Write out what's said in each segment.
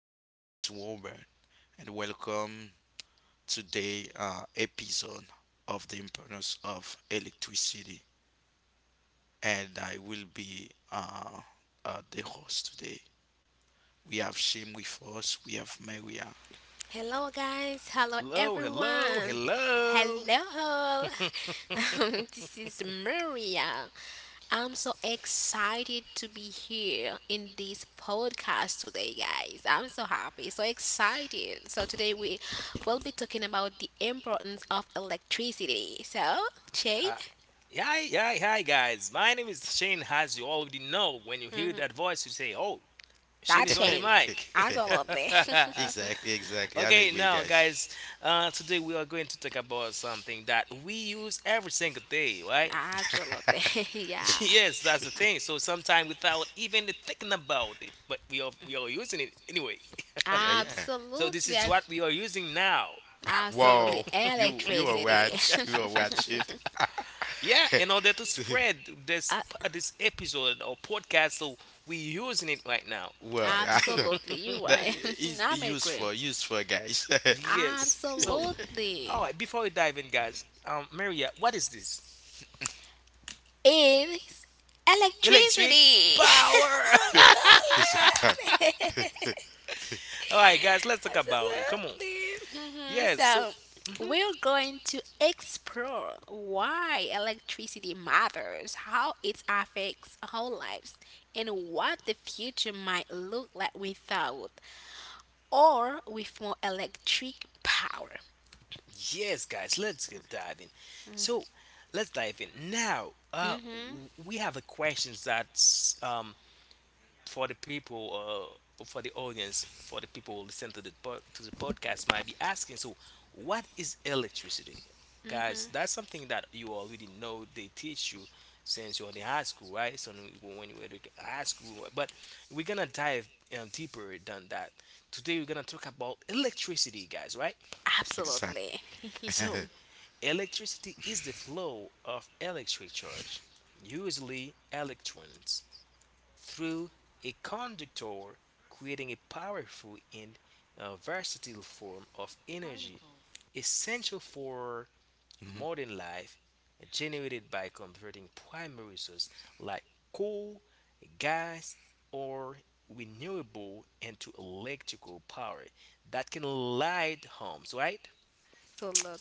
My name is Robert, and welcome to the episode of the importance of electricity. And I will be the host today. We have Shim with us. We have Maria. Hello, guys. Hello, everyone. Hello. This is Maria. I'm so excited to be here in this podcast today, guys. I'm so happy, so excited. So, today we will be talking about the importance of electricity. So, Shane, Hi, hi, guys. My name is Shane. As you already know, when you hear that voice, you say, "Oh, Shane that is on the change. mic." Absolutely. Exactly, exactly. I'm Okay, agree, now, guys. guys, today we are going to talk about something that we use every single day, right? Absolutely. yeah. Yes, that's the thing. So sometimes without even thinking about it, but we are using it anyway. Yeah, yeah. So this Absolutely. is what we are using now. Absolutely. Wow, you you are Electricity. watch, you are watch it. Yeah, in order to spread this Uh, this episode or podcast, so we're using it right now. Well, yeah. absolutely, you're That right. is I'm agreeing. useful, useful, guys. Yes. So, all Absolutely. right. Before we dive in, guys, Maria, what is this? It's Electric electricity. power. This is fact. absolutely. All right, guys, let's talk about it. Come on. absolutely. Yes. So, So, mhm. we're going to explore why electricity matters, how it affects our lives, and what the future might look like without or with more electric power. Yes, guys, let's get diving. So, let's dive in now. Uh, hmm w- we have the questions that um for the people, for the audience, for the people who listen to the to the podcast, might be asking. So what is electricity, guys? That's something that you already know. They teach you since you're in high school, right? So when you were in high school, but we're gonna dive deeper than that. Today we're gonna talk about electricity, guys, right? Exactly. Absolutely. So electricity is the flow of electric charge, usually electrons, through a conductor, creating a powerful and versatile form of energy essential for Mhm. modern life, generated by converting primary sources like coal, gas, or renewable into electrical power that can light homes, right?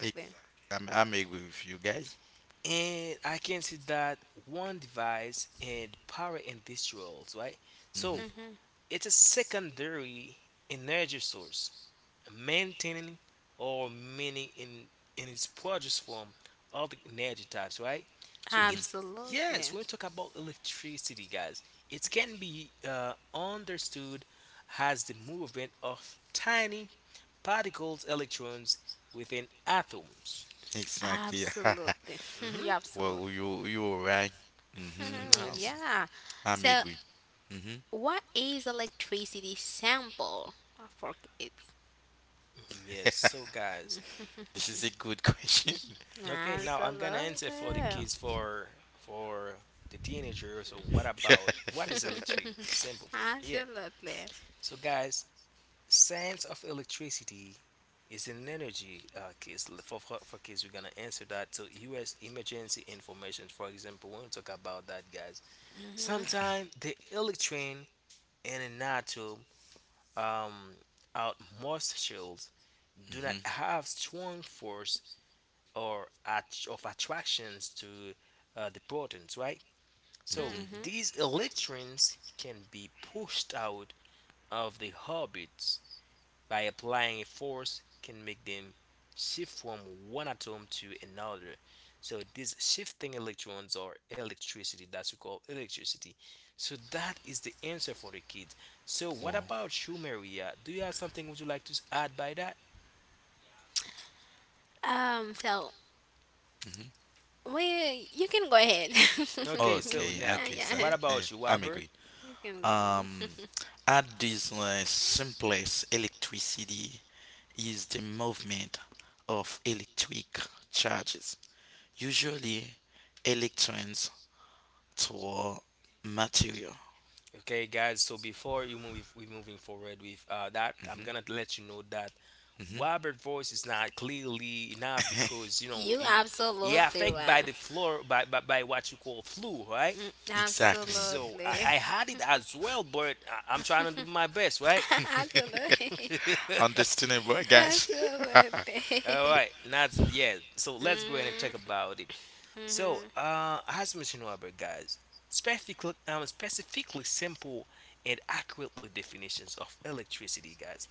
Ex- I'm agree with you guys. And I can see that one device and power industrials, right? So Hmm hmm it's a secondary energy source, maintaining or meaning in its produce form all the energy types, right? So it's hmm yes, Absolutely. when we talk about electricity, guys, it can be understood as the movement of tiny particles, electrons within atoms. Exactly. Absolutely. hmm you Absolutely. Well, you are right. So hmm now, Yes, yeah. I'm So, agree. Hmm what is electricity sample? I forget. mhm, yes, so guys, This is a good question. okay, now I'm gonna answer for the Absolutely. kids, for the teenagers. So what is electric? Simple for you. Yeah. Absolutely. So guys, science of electricity is an energy, kids, for kids we're gonna answer that. So US emergency information, for example, when we talk about that, guys. Sometimes the electron and an atom, um out most shells, do not Hmm have strong force of attractions to the protons, right? So hmm hmm these electrons can be pushed out of the orbits by applying a force can make them shift from one atom to another. So these shifting electrons are electricity. That's what we call electricity. So that is the answer for the kids. So what Wow. about you, Maria? Do you have something would you like to add by that? So, hmm we you can go ahead. Okay, so Okay. now yeah. Okay. So Yeah. what about you, I'm Robert? agree. You can go. Um, at this simplest, electricity is the movement of electric charges usually electrons to material. Okay, guys. So before we moving forward with that. I'm Hmm gonna let you know that hmm Robert voice is not clearly enough because You he absolutely affected by right. the floor, by, by what you call flu, right? Exactly. So I, Absolutely. I had it as well, but I'm trying to do my best, right? absolutely. Understandable, guys. Happy hmm All birthday. right, not yeah. So let's go ahead and talk Mhm, about it. So, mhm, as mentioned, Robert, guys, specifically simple and accurately definitions of electricity, guys.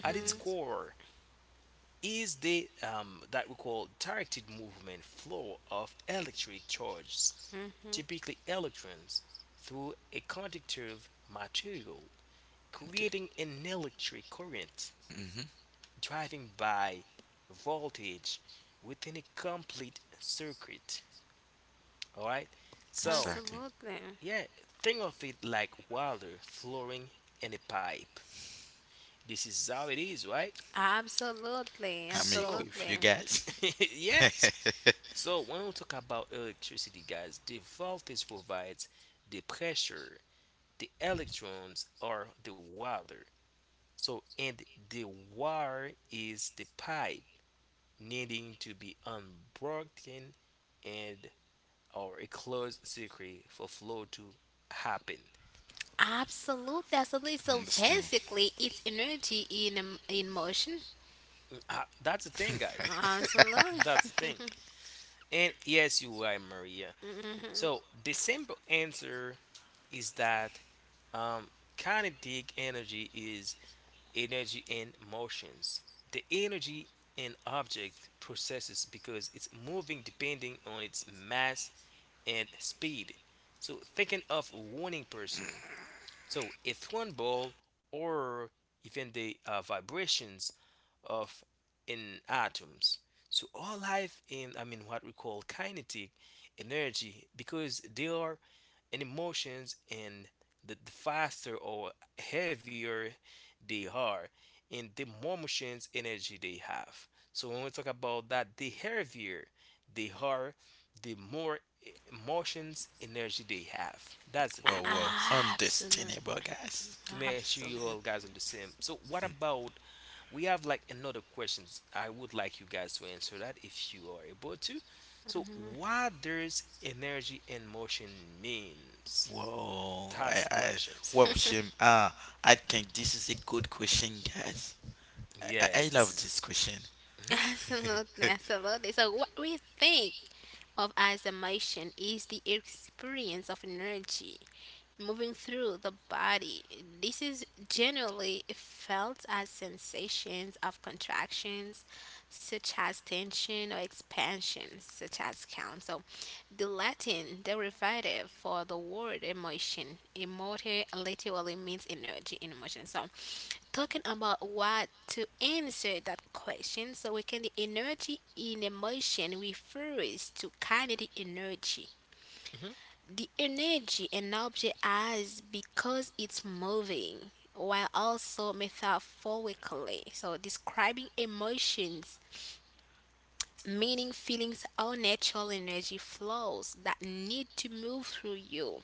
At its core is the that we call directed movement flow of electric charges, mhm. typically electrons, through a conductive material, Okay. creating an electric current hmm driving by voltage within a complete circuit. All right, so Exactly. Absolutely. yeah, think of it like water flowing in a pipe. This is how it is, right? Absolutely. I'm equal So, with you Absolutely. guys. yeah. So when we talk about electricity, guys, the voltage provides the pressure, the electrons are the water. So and the wire is the pipe, needing to be unbroken and or a closed circuit for flow to happen. Absolutely. Absolutely. So Understandable. basically, it's energy in motion. Ah, that's the thing, guys. That's Absolutely. the thing. And yes, you are right, Maria. So the simple answer is that um, kinetic energy is energy and motions. The energy an object processes because it's moving, depending on its mass and speed. So thinking of running person. So a thrown ball, or even the vibrations of in atoms. So all life in, I mean, what we call kinetic energy, because they are and emotions, and the faster or heavier they are, and the more emotions energy they have. So when we talk about that, the heavier they are, the more emotions energy they have. That's the Whoa, thing, whoa. guys. Absolutely. Understandable, guys. To make sure you all Absolutely. guys are the same. So what about, we have like another questions, I would like you guys to answer that if you are able to. So what does energy and motion means? Whoa. That's the questions. Whoa, Shim. Ah, I think this is a good question, guys. I, I Yes, I this love is. this question. Hmm. Absolutely, absolutely. So, what we think of as emotion is the experience of energy moving through the body. This is generally felt as sensations of contractions, such as tension or expansion, such as count. The Latin derivative for the word emotion, emote literally means energy in emotion. So, talking about what to answer that question, so we can the energy in emotion refers to kinetic energy. Hmm. The energy an object has because it's moving, while also metaphorically, so describing emotions meaning feelings are natural energy flows that need to move through you,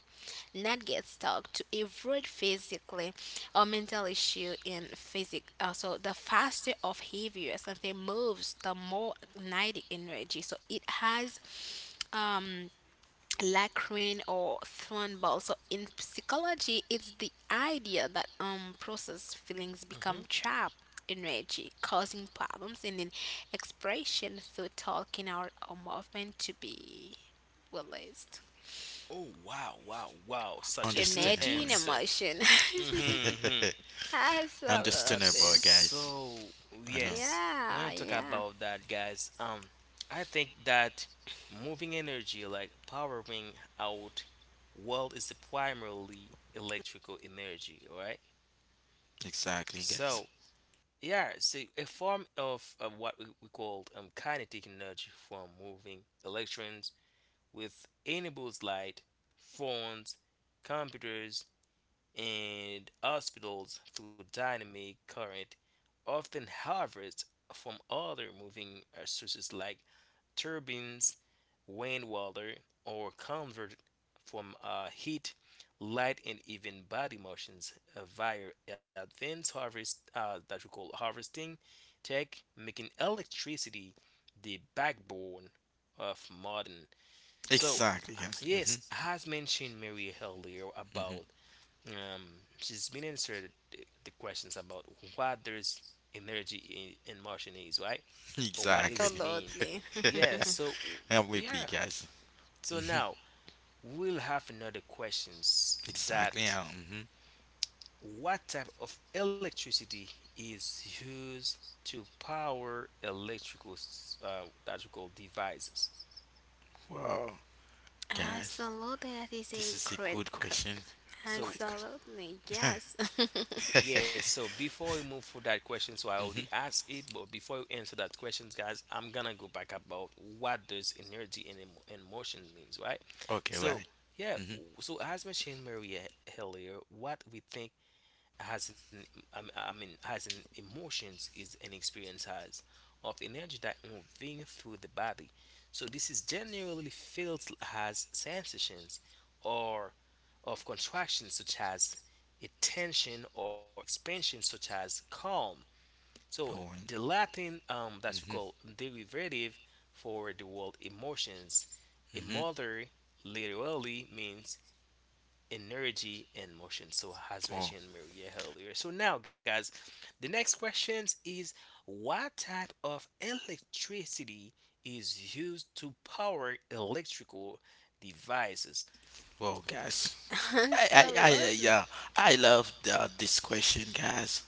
not get stuck to avoid physically or mental issue in physic. So the faster or heavier something moves, the more magnetic energy. So it has um Lacrin or Thornball. So in psychology, it's the idea that processed feelings Hmm. become trapped energy, causing problems in an expression through talking or movement to be released. Oh wow, wow, wow! Such a good Energy Understandable. and answer. emotion. Hmm. Hmm. Absolutely. Understandable, guys. So Uh huh. yes, when you Yeah, talk yeah. about that, guys, I think that moving energy, like powering out world, is primarily electrical energy, right? Exactly, So guys. yeah, so a form of what we call kinetic energy from moving electrons with enables light, phones, computers, and hospitals through dynamic current, often harvest from other moving sources like turbines, rainwater, or convert from heat, light, and even body motions via advanced harvest, that we call harvesting tech, making electricity the backbone of modern. So Exactly, guys. Hmm yes, as mentioned Mary earlier about, hmm um, she's been answered the questions about what there's energy in Martian is, right? Or what is Exactly. mean. Absolutely. Yeah, so I'm with yeah. you, guys. So Hmm now we'll have another questions Exactly. that hmm what type of electricity is used to power electrical devices? Wow, guys, Absolutely, that is this a is a great. good question. So Good Absolutely, question. yes. yes, so before we move for that question, so I already hmm asked it, but before we answer that question, guys, I'm gonna go back about what does energy and motion means, right? Okay, So right. yeah, hmm so as mentioned Maria earlier, what we think has an, I mean has an emotions, is an experience has of energy that moving through the body. So this is generally felt as sensations or of contraction, such as a tension, or expansion, such as calm. So Oh, the Latin that we call hmm derivative for the word emotions, hmm emotere, literally means energy and motion. So as Oh, mentioned Maria earlier, so now guys, the next question is what type of electricity is used to power electrical devices. wow, guys. Absolutely. Yeah. I love this question, guys.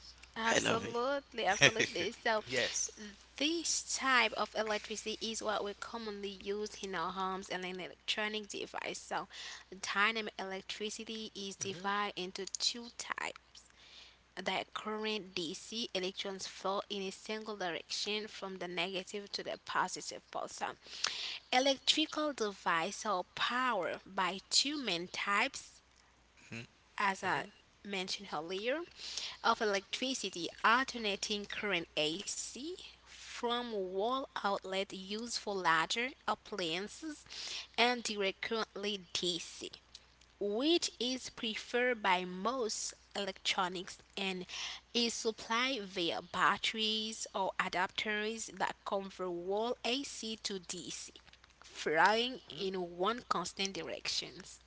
I love Absolutely, it. absolutely. So Yes. this type of electricity is what we commonly use in our homes and in electronic device. So dynamic electricity is Hmm. divided into two types. That current DC electrons flow in a single direction from the negative to the positive pole. So electrical device are powered by two main types Mhm. as I Hmm. mentioned earlier, of electricity alternating current AC from wall outlet used for larger appliances and direct currently DC, which is preferred by most electronics and is supplied via batteries or adapters that convert wall AC to DC, flying in one constant directions.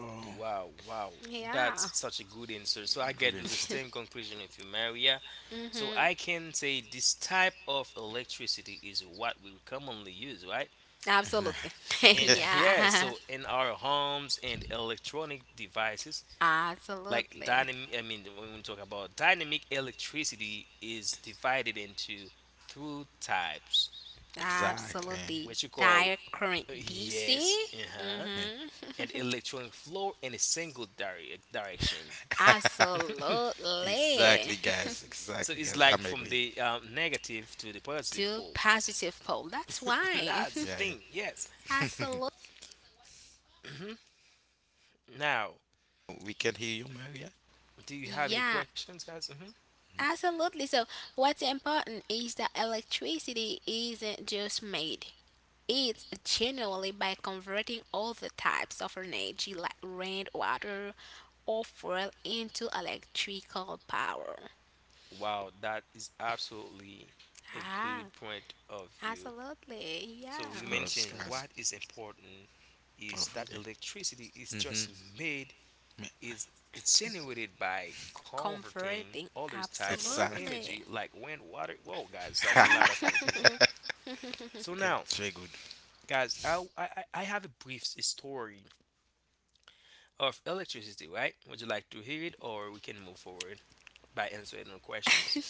Oh, Wow, wow, Yeah. that's such a good answer. So I good get to the answer. same conclusion with you, Maria. So I can say this type of electricity is what we commonly use, right? Absolutely. And yeah, yeah. so in our homes and electronic devices, like Absolutely. dynamic, I mean, when we talk about dynamic electricity, is divided into three types, Exactly. Absolutely. which you call, Dire current DC. yes, uh-huh, and Mm-hmm. electronic flow in a single direction. Absolutely. Exactly, guys. So Exactly, it's guys. like I'm from agree. the negative to the positive Do pole. positive poll. That's why. That's the Yeah, yeah. thing. Yes. Absolutely. Mhm. Now, We can hear you, Maria. do you have any Yeah. questions, guys? Absolutely. So, what's important is that electricity isn't just made, it's generally by converting all the types of energy like rain, water, or fuel into electrical power. Wow, that is absolutely a good Ah, point of view. absolutely. So Yeah. you Of course, mentioned guys. what is important is Oh, that really? electricity is Mm-hmm. just made, is it's generated by converting Converting. other type of Exactly. energy Absolutely. like wind, water. Whoa, guys, that's a lot of things to know. So now, It's very good. guys, I have a brief story of electricity, right? Would you like to hear it, or we can move forward by answering the questions?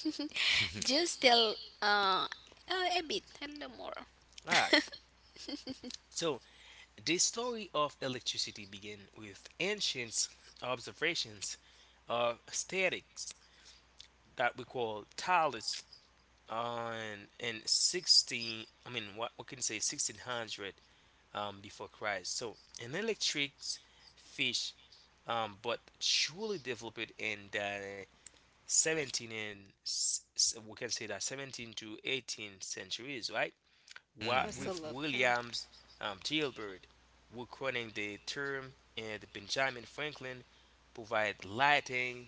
Just tell uh, a bit, a little more. All right. So, the story of electricity began with ancient observations of statics that we call Thales on, in 16, I mean what we can say, 1600 before Christ. So, an electric fish, but truly developed in the 17 and we can say that 17 to 18 centuries, right? Hmm With Absolutely. Williams, Gilbert, were coining the term, and Benjamin Franklin provide lighting,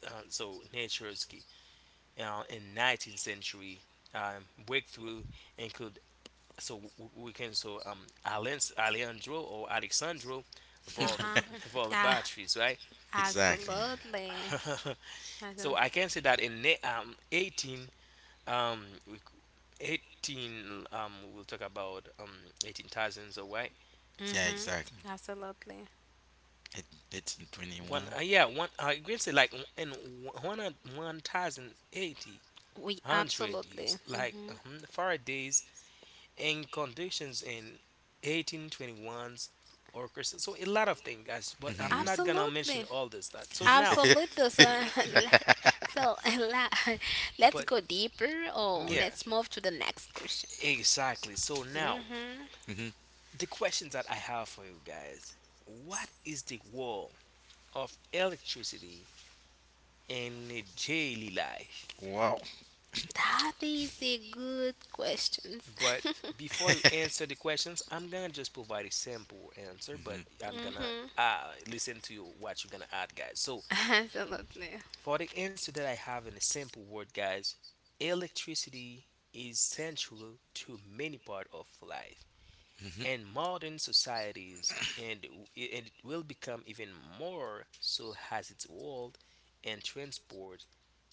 so nature's key. In 19th century, breakthrough include so w- we can so Alejandro or Alexandro, volt Uh-huh. volt Ah, batteries, right? Exactly. absolutely. So I can say that in 18, we 18, we'll talk about 18,000 or why. Yeah, Mm-hmm. exactly. Absolutely. It, it's in One, 21. Yeah, one. I agree. Say like, in one thousand eighty We hundred years, absolutely. like Mm. Faraday's in conditions in 1821, or so a lot of things, guys. But I'm not Mm-hmm. gonna mention Absolutely. all this that. So now, Absolutely. So, so la- but let's go deeper or yeah, let's move to the next question. exactly. So now, hmm hmm the questions that I have for you guys: What is the role of electricity in a daily life? Wow. That is a good question. But before you answer the questions, I'm gonna just provide a simple answer, hmm but I'm gonna hmm listen to you what you're gonna add, guys. So Absolutely. for the answer that I have in a simple word, guys, electricity is central to many part of life hmm and modern societies, and it will become even more so as its world and transport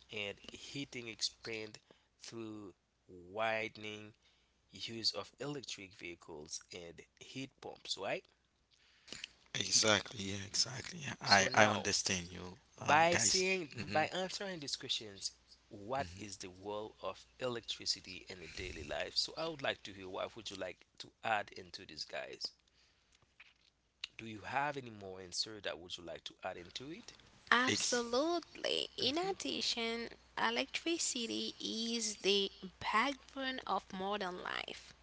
and heating expand through widening use of electric vehicles and heat pumps, right? Exactly. Yeah, exactly. Yeah. So I now, understand you, guys. By Mm-hmm. answering these questions, what hmm is the role of electricity in a daily life? So I would like to hear what would you like to add into this, guys? Do you have any more answer that would you like to add into it? Ex- Absolutely. In Mhm. addition, electricity is the backbone of modern life,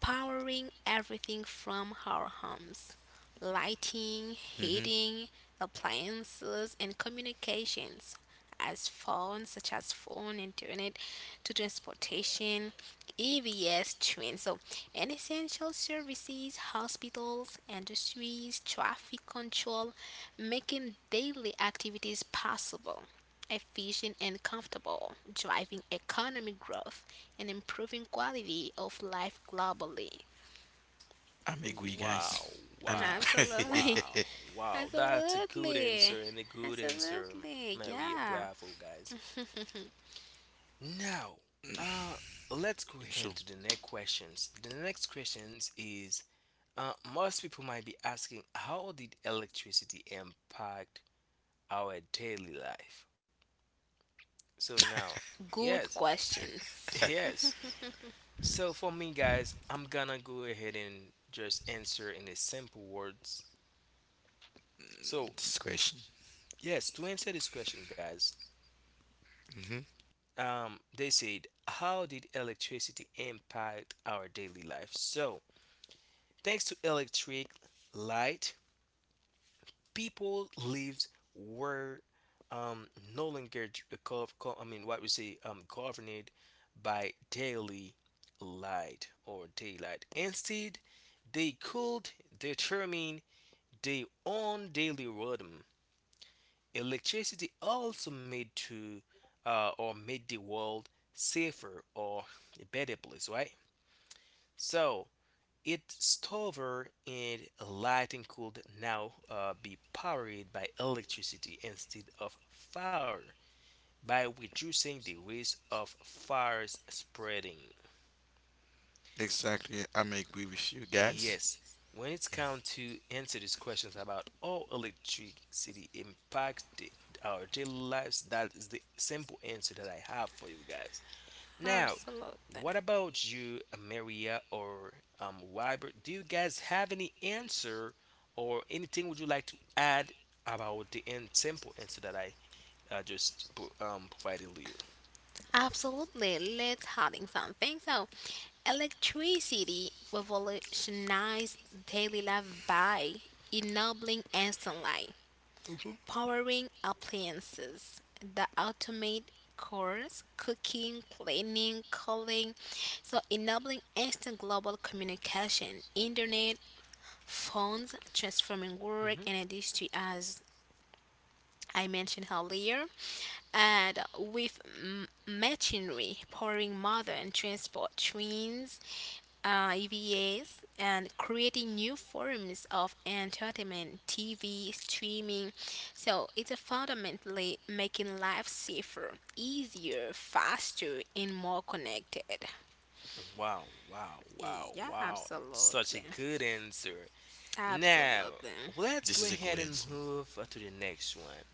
powering everything from our homes, lighting, mm-hmm. heating, appliances, and communications, as phones such as phone, internet, to transportation, EVS, train. So, and essential services, hospitals, industries, traffic control, making daily activities possible, efficient and comfortable, driving economic growth and improving quality of life globally. I'm agree, guys. Wow, I'm wow, Absolutely. wow, agree. wow. That's a good Absolutely. answer and a good answer, Absolutely. Maria. Yeah. Bravo, guys. Now, uh, let's go ahead So, to the next questions. The next questions is most people might be asking, how did electricity impact our daily life? So now, yes, Good questions. yes. So for me, guys, I'm gonna go ahead and just answer in the simple words. So mm, this question. yes, to answer this question, guys, Hmm they said, how did electricity impact our daily life? So thanks to electric light, people lived were um, no longer d- gov- co- I mean, what we say, governed by daily light or daylight. Instead, they could determine their own daily rhythm. Electricity also made the world safer or a better place, right? So its stover and lighting could now be powered by electricity instead of fire, by reducing the risk of fires spreading. Exactly. I'm agree with you, guys. Yes, when it's come to answer these questions about how electricity impacts our daily lives, that is the simple answer that I have for you guys. Now, what Absolutely. about you, Maria or Robert? Do you guys have any answer or anything would you like to add about the in simple answer that I just provided earlier? Absolutely. Let's adding something. So, electricity revolutionized daily life by enabling instant light, Mhm. powering appliances that automate chores, cooking, cleaning, calling, so enabling instant global communication, internet, phones, transforming work Mhm. and industry as I mentioned earlier, and with machinery powering modern transport trains, EVAs and creating new forms of entertainment, TV, streaming. So it's fundamentally making life safer, easier, faster, and more connected. Wow, wow, wow, Yeah, wow. Such a absolutely. good answer. Now, Absolutely. let's This go is a ahead good and answer. move to the next one.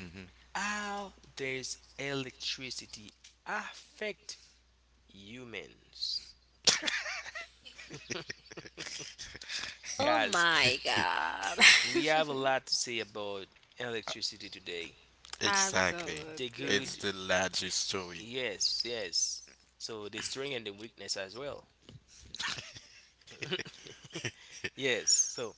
Hmm How does electricity affect humans? Oh Guys, my God. we have a lot to say about electricity today. Exactly. The absolutely. It's good, the largest story. yes, yes. So the strength and the weakness as well. Yes, so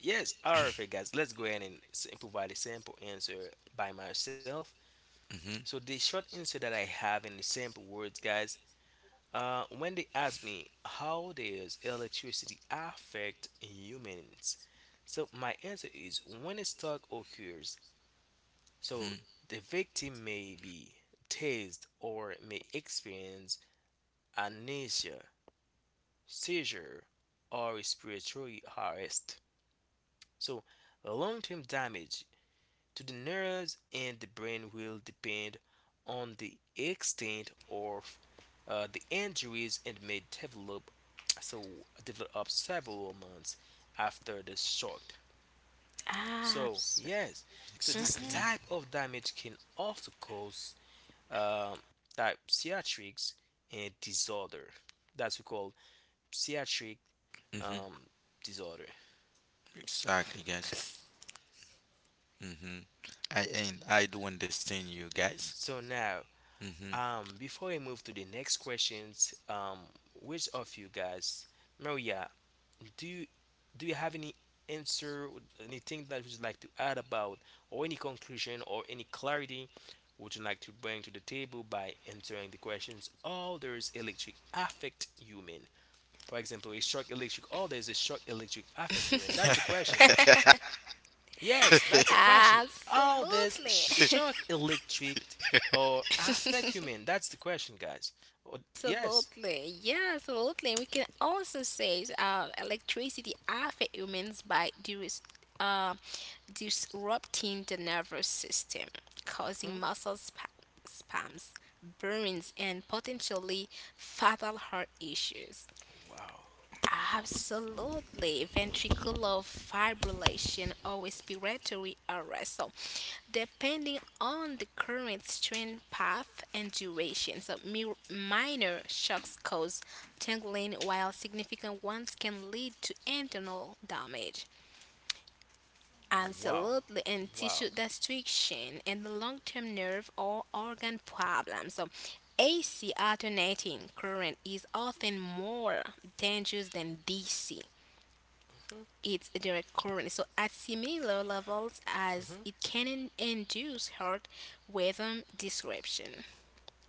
yes, alright, guys. Let's go ahead and provide a sample answer by myself. Hmm So the short answer that I have in the sample words, guys. When they ask me how does electricity affect humans, so my answer is when a spark occurs, so hmm the victim may be dazed or may experience amnesia, seizure, or respiratory arrest. So long-term damage to the nerves and the brain will depend on the extent of the injuries and may develop so develop up several months after the shock. So Abs- yes, so this Exactly. Yeah. type of damage can also cause um, type psychiatrics and disorder. That's what we call psychiatric hmm um, disorder. Exactly, guys. Hmm I do understand you, guys. So now, Hmm before we move to the next questions, which of you guys, Maria, do you do you have any answer, anything that you'd like to add about, or any conclusion or any clarity? Would you like to bring to the table by answering the questions? All there is electric affect human. For example, a shock electric. Oh, there's a shock electric affect you, and that's the question. Yes, that's the question. How does Absolutely. shock electric or affect human? That's the question, guys. Oh, yes. Absolutely, yeah, absolutely. We can also say electricity affects humans by uh, disrupting the nervous system, causing Mhm. muscle spasms, burns, and potentially fatal heart issues. Wow. Absolutely, ventricular fibrillation or respiratory arrest. So, depending on the current strain path and duration, so minor shocks cause tingling, while significant ones can lead to internal damage. Wow. Absolutely, and Wow. tissue destruction and the long term nerve or organ problems. So, AC alternating current is often more dangerous than DC, Mhm. its direct current. So at similar levels as Mhm. it can induce heart rhythm description.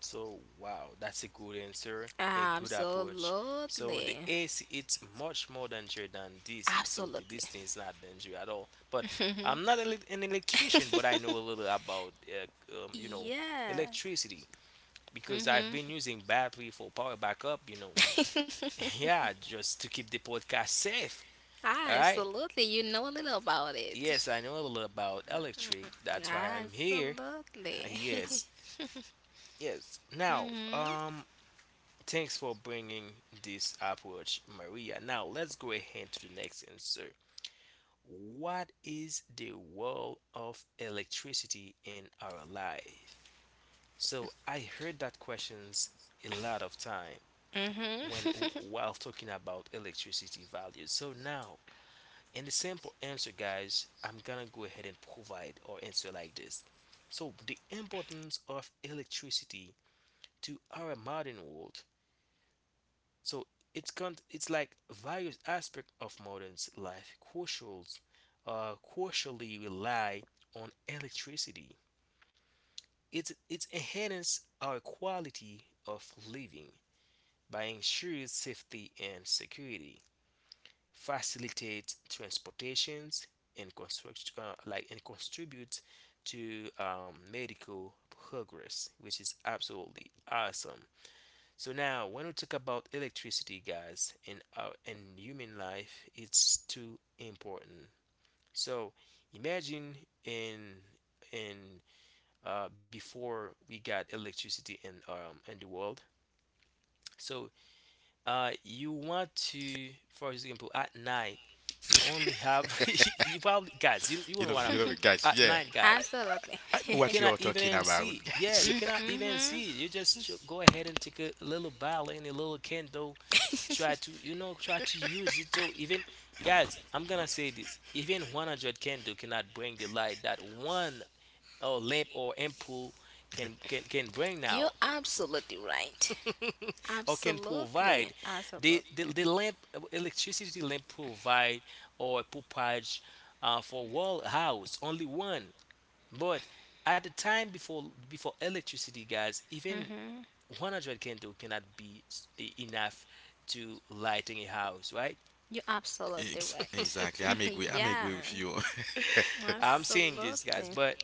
So wow, that's a good answer, a good approach. So the Absolutely. AC it's much more dangerous than DC. So the Absolutely. this thing is not dangerous at all. But I'm not an electrician, but I know a little about you know, Yeah. electricity because I've been using battery for power backup. You know, yeah, just to keep the podcast safe. All right. Absolutely. You know a little about it. Yes, I know a little about electric. That's why I'm here. Absolutely. Yes, yes. Now, mhm. Thanks for bringing this approach, Maria. Now, let's go ahead to the next answer. What is the role of electricity in our life? So, I heard that questions a lot of time Mhm. when while talking about electricity values. So now, in the simple answer, guys, I'm gonna go ahead and provide or answer like this. So, the importance of electricity to our modern world, so it's like various aspects of modern life crucials crucially rely on electricity. It's enhance our quality of living by ensuring safety and security, facilitates transportations and construct like and contributes to medical progress, which is absolutely awesome. So now, when we talk about electricity, guys, in our in human life, it's too important. So imagine in in before we got electricity in the world. So you want to, for example, at night, you only have you probably guys, you You know know, what I mean. guys. At Yeah, night, guys, I, absolutely. I know you what you cannot are talking even about, see. Yeah, you guys. cannot even see. mhm. You just go ahead and take a little bottle and a little candle, try to you know try to use it. So even guys, I'm gonna say this: even 100 candle cannot bring the light that one or lamp or ampoule can bring You're now, absolutely right. or can Absolutely. provide. The Absolutely. the, the lamp electricity lamp provide or propage for wall house only one but at the time before electricity, guys, even 100 candle cannot be enough to lighting a house, right? You're absolutely Exactly. I'm right. agree. I'm yeah. agree with you. I'm saying this, guys, Absolutely. but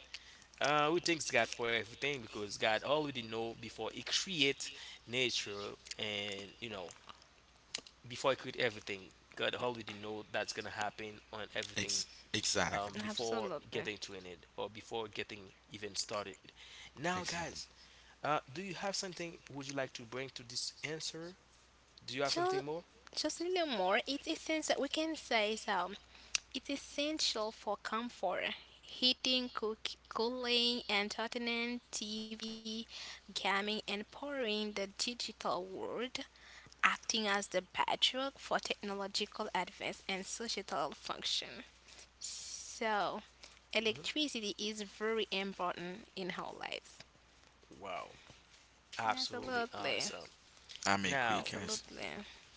we thanks God for everything because God already know before He create nature and you know before He create everything, God already know that's gonna happen on everything Exactly. before Absolutely. getting to an end or before getting even started. Now, guys, Exactly. Do you have something would you like to bring to this answer? Do you have something Just, more? Just a little more. It's essential. We can say so. It's essential for comfort. Heating, cook, cooling, entertainment, TV, gaming, and powering the digital world, acting as the bedrock for technological advance and societal function. So, Mhm. electricity is very important in our lives. Wow, absolutely Absolutely. awesome. I'm agree, Now, guys. Absolutely.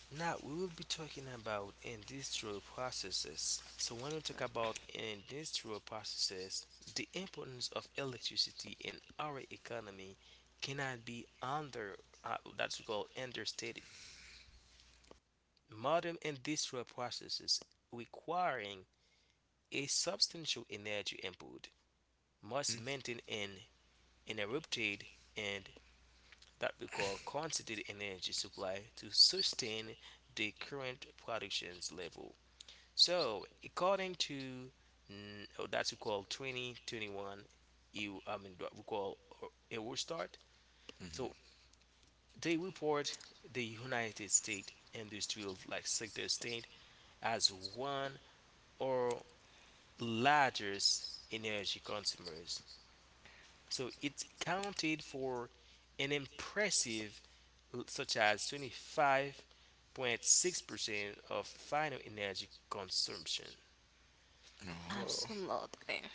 now we will be talking about industrial processes. So when we talk about industrial processes, the importance of electricity in our economy cannot be under that's called understated. Modern industrial processes requiring a substantial energy input must Mm-hmm. maintain an interrupted and that we call constant energy supply to sustain the current productions level. So according to oh, that's we call 2021, you I mean what we call or- Eurostat. So they report the United States industrial like sector state as one or largest energy consumers. So it counted for an impressive such as 25.6% of final energy consumption. Oh, Absolutely.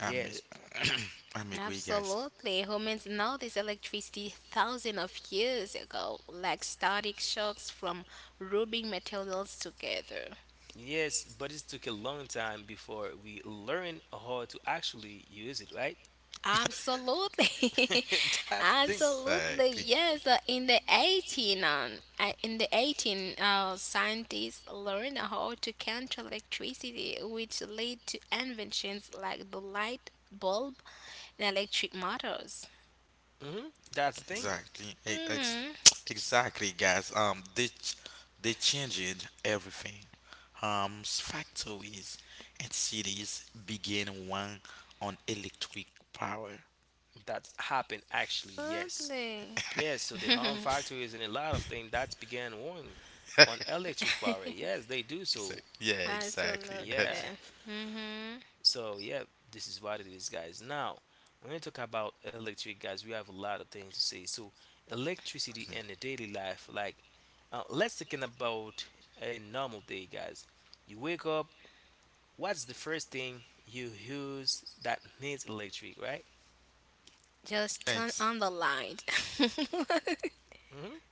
I'm Yes, a, I'm agree, guys. Absolutely. Humans noticed electricity thousands of years ago, like static shocks from rubbing materials together. yes, but it took a long time before we learned how to actually use it, right? Absolutely. That's the thing. Absolutely. Exactly. Yes, in the 18 in the 18 scientists learned how to control electricity, which led to inventions like the light bulb and electric motors. Hmm. That's the thing. Exactly. Hmm. Exactly, guys. They changed everything. Factories and cities begin one on electric power. That happened actually, yes. Absolutely. Yes, so the harm factor is in a lot of things that began warning on electric power. Yes, they do so. Yeah, exactly. Absolutely. Yeah, hmm so yeah, this is what it is, guys. Now, when we talk about electric, guys, we have a lot of things to say. So electricity and the daily life, like let's talking about a normal day, guys. You wake up. What's the first thing you use that needs electric, right? Just turn Thanks. on the light. Hmm.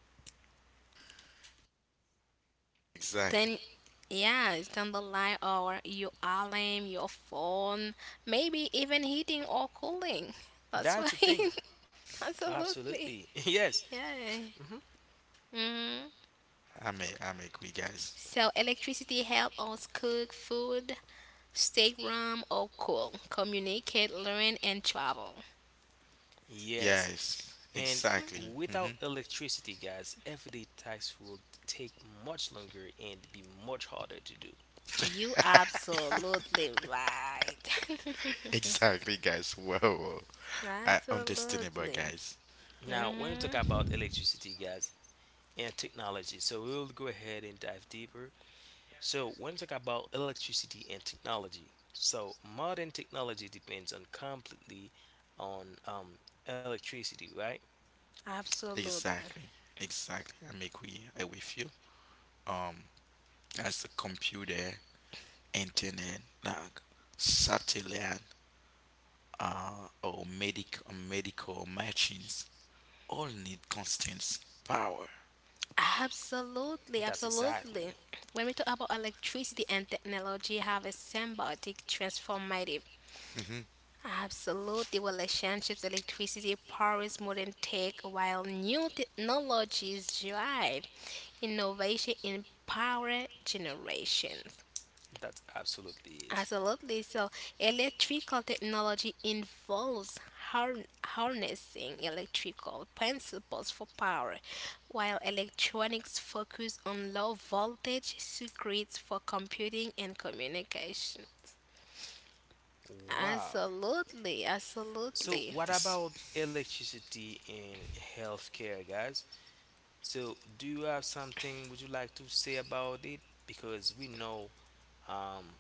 then, Exactly. yeah, turn the light or your alarm, your phone, maybe even heating or cooling. That's why. That's the thing. Absolutely. Absolutely. Yes. Yeah. Hmm. hmm I may quit, guys. So electricity help us cook food, stay warm or cool, communicate, learn, and travel. Yes, Yes, and exactly. hmm without electricity, guys, everyday tasks will take much longer and be much harder to do. You absolutely right. Exactly, guys. Wow, I understandable, absolutely. guys. Now, when we talk Mhm. about electricity, guys, and technology, so we will go ahead and dive deeper. So, when we talk about electricity and technology, so modern technology depends on completely on electricity, right? Absolutely. Exactly, exactly. I may quit. I with you. Um, as a computer, internet, like satellite, or medical machines, all need constant power. Absolutely, That's absolutely. exactly. When we talk about electricity and technology, have a symbiotic transformative. Hmm Absolutely, relationships, electricity powers modern tech, while new technologies drive innovation in power generation. That's absolutely it. Absolutely. So, electrical technology involves harnessing electrical principles for power, while electronics focus on low voltage circuits for computing and communication. Wow. Absolutely, So, absolutely, what This, about electricity in healthcare, guys? So, do you have something would you like to say about it? Because we know Um,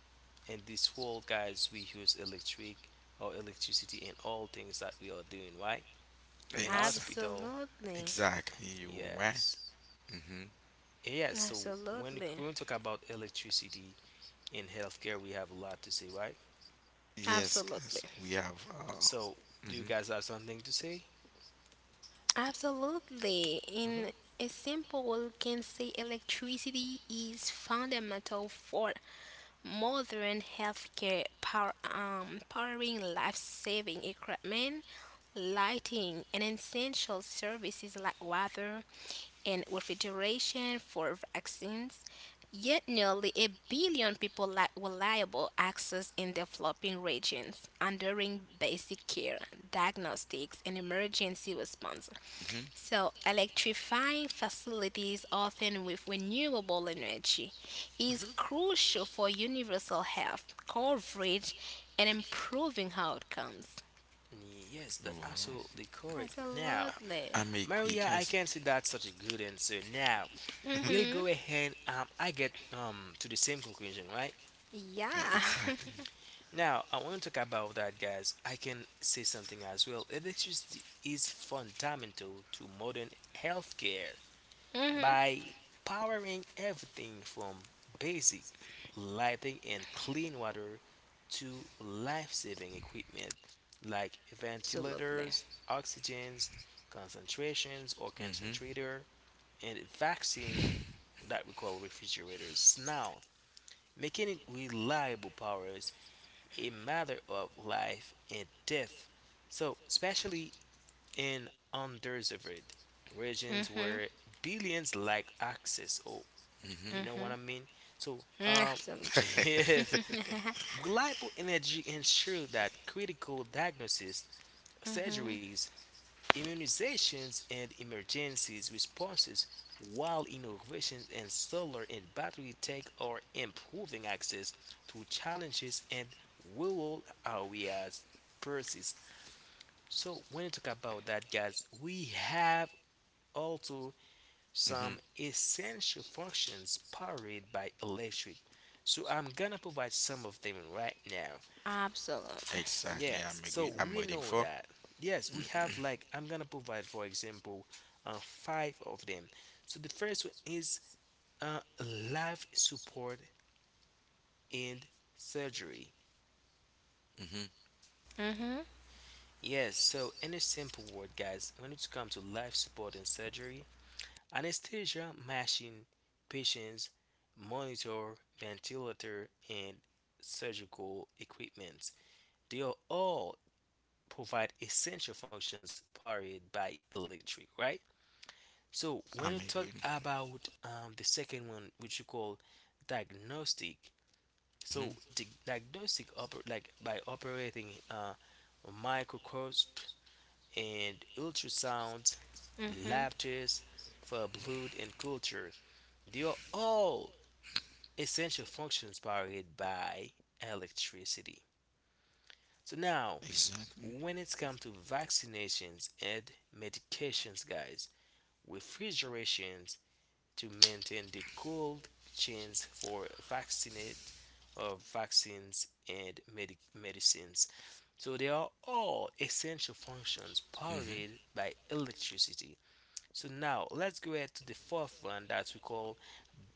in this world, guys, we use electric or electricity in all things that we are doing, right? In it's hospital, absolutely, exactly you right. yes. hmm Yes, so absolutely, when we talk about electricity in healthcare, we have a lot to say, right? Yes, absolutely, guys. We have So, do you mhm. guys have something to say? absolutely. In Hmm. a simple way, we can say electricity is fundamental for modern healthcare power, powering life-saving equipment, lighting, and essential services like water, and refrigeration for vaccines, yet nearly a billion people lack reliable access in developing regions, undering basic care, diagnostics, and emergency response. hmm So, electrifying facilities, often with renewable energy, is Hmm. crucial for universal health coverage and improving outcomes. Yes, that's Wow. absolutely correct. Now, Absolutely. I make quick Maria, I cash. can see that's such a good answer. Now, we'll hmm go ahead. I get to the same conclusion, right? Yeah. Exactly. Now, I want to talk about that, guys. I can say something as well. Electricity is fundamental to modern healthcare hmm by powering everything from basic lighting and clean water to life saving equipment like Absolutely. ventilators, oxygens, concentrations or hmm concentrator, and vaccine that we call refrigerators. Now, making it reliable powers a matter of life and death. So, especially in underserved regions Mhm. where billions lack access. Oh, hmm you know what I mean? So, Absolutely. yes, reliable energy ensure that critical diagnosis, surgeries, immunizations and emergencies responses, while innovations in solar and battery tech are improving access to challenges and rural areas persist. So when you talk about that, guys, we have also hmm some essential functions powered by electric. So I'm gonna provide some of them right now. Absolutely. Exactly. I'm Yes, agree. so I'm we waiting know for. that. Yes, we have like I'm gonna provide for example, five of them. So the first one is uh, life support and surgery. Hmm Mhm. Yes, so in a simple word, guys, when it comes to life support and surgery, anesthesia machine, patients monitor, ventilator, and surgical equipment. They are all provide essential functions powered by electric, right? So I'm when you talk agree. about the second one, which you call diagnostic, so Hmm diagnostic oper- like by operating microscope and ultrasound, Mhm. lab tests for blood and culture, they are all essential functions powered by electricity. So now, Exactly. when it's come to vaccinations and medications, guys, refrigerations. To maintain the cold chains for vaccinate or vaccines and medicines. So they are all essential functions hmm powered by electricity. So now let's go ahead to the fourth one that we call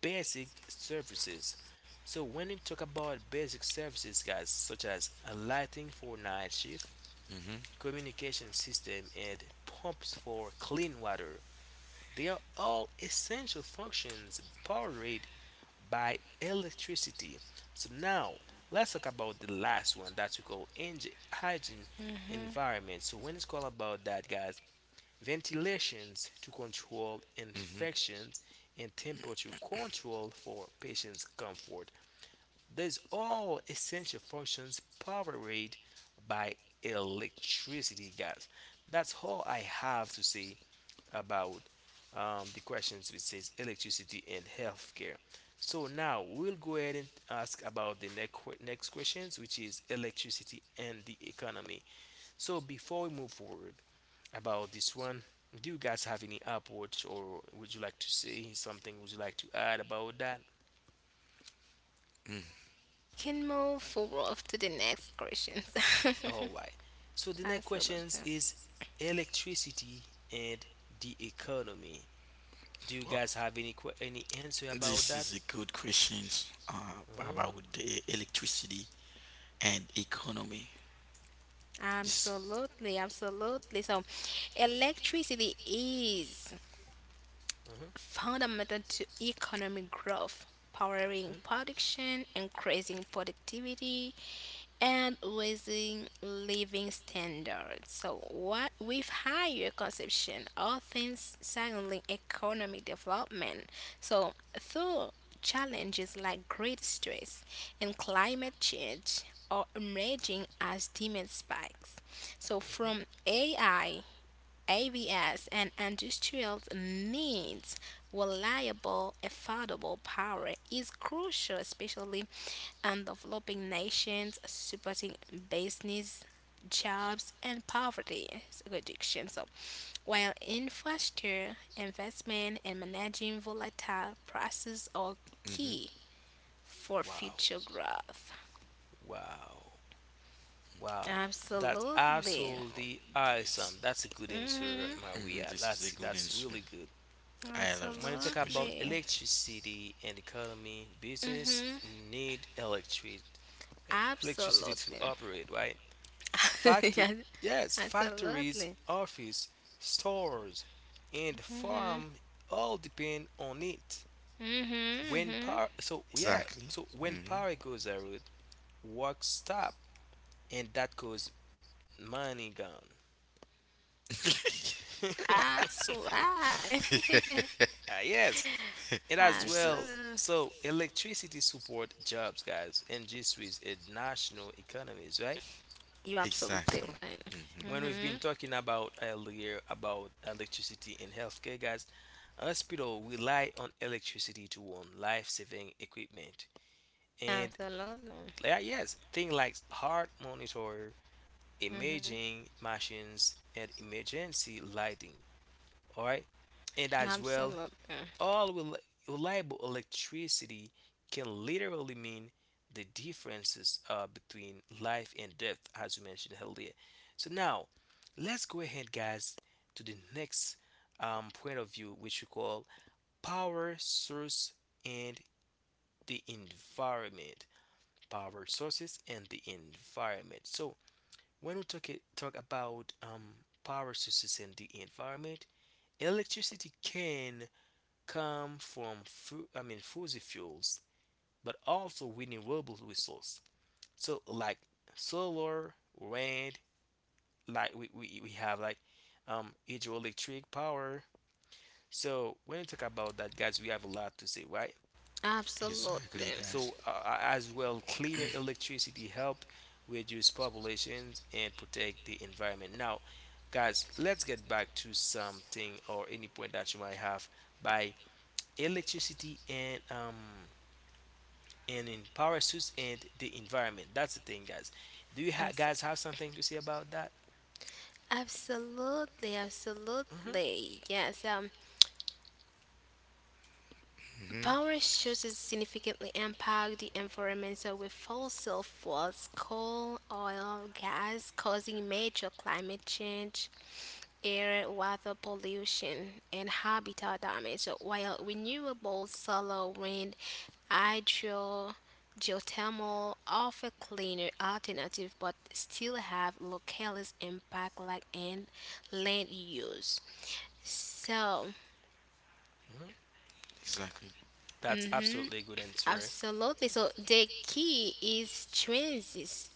basic services. So when we talk about basic services, guys, such as lighting for night shift, hmm communication system, and pumps for clean water, they are all essential functions powered by electricity. So now let's talk about the last one that we call hygiene environment. So when it's called about that, guys, ventilations to control hmm infections and temperature control for patients' comfort. These all essential functions powered by electricity, guys. That's all I have to say about the questions which says electricity and healthcare. So now we'll go ahead and ask about the next questions, which is electricity and the economy. So before we move forward about this one, do you guys have any upwards or would you like to say something? Would you like to add about that? hmm Can move forward to the next questions. All right. So the next absolutely. questions is electricity and the economy. Do you Wow. guys have any answer about This that? is a good question Mhm, about the electricity and economy. This. Absolutely. Absolutely. So, electricity is mhm, fundamental to economic growth, powering mhm. production, increasing productivity, and raising living standards. So what with higher consumption, all things signaling economic development. So through challenges like great stress and climate change are emerging as demand spikes. So Uh huh. from AI, AVS and industrial needs reliable affordable power is crucial especially and developing nations, supporting business, jobs, and poverty reduction. So, while infrastructure investment and managing volatile prices are key Hmm for Wow. future growth. Wow. Wow. That's Absolutely. Absolutely awesome. this. That's a good answer, hmm Hmm Maria. This is That's a good that's answer. really good. I love When you this talk about question. Absolutely. electricity and economy, business hmm need e- electricity to Absolutely. operate, right? Factor Yeah, Yes, factories, absolutely. office, stores, and farm all depend on it. hmm hmm So yeah, Exactly. so when power goes out, work stop, and that cause money gone. That's why. Yes, and as hmm well, Absolutely. so electricity support jobs, guys, and G Suisse in national economies, right? You absolutely Exactly. right. hmm When we've Mm-hmm. been talking about earlier about electricity in healthcare, guys, hospital rely on electricity to run life-saving equipment, and Absolutely. yeah, yes, things like heart monitor, Mm-hmm. imaging machines, and emergency lighting, all right, and as well, Absolutely. all rel- reliable electricity can literally mean the differences between life and death, as we mentioned earlier. So now let's go ahead, guys, to the next point of view, which we call power source and the environment. Power sources and the environment. So when we talk about power sources in the environment, electricity can come from fossil fuels, but also renewable resources. So like solar, wind, like we have like hydroelectric power. So when we talk about that, guys, we have a lot to say, right? Exactly, Absolutely. guys. So, as well, cleaner electricity help reduce populations and protect the environment. Now, guys, let's get back to something or any point that you might have by electricity and in power suits and the environment. That's the thing, guys. Do you Yes. guys have something to say about that? Absolutely. Hmm, Absolutely. Yes. Hmm Power sources significantly impact the environment with fossil fuels, coal, oil, gas, causing major climate change, air, water pollution, and habitat damage, while renewable solar, wind, hydro, geothermal offer cleaner alternatives, but still have localist impact like in land use. So hmm. Exactly. That's absolutely a good answer. absolutely. So the key is transitioning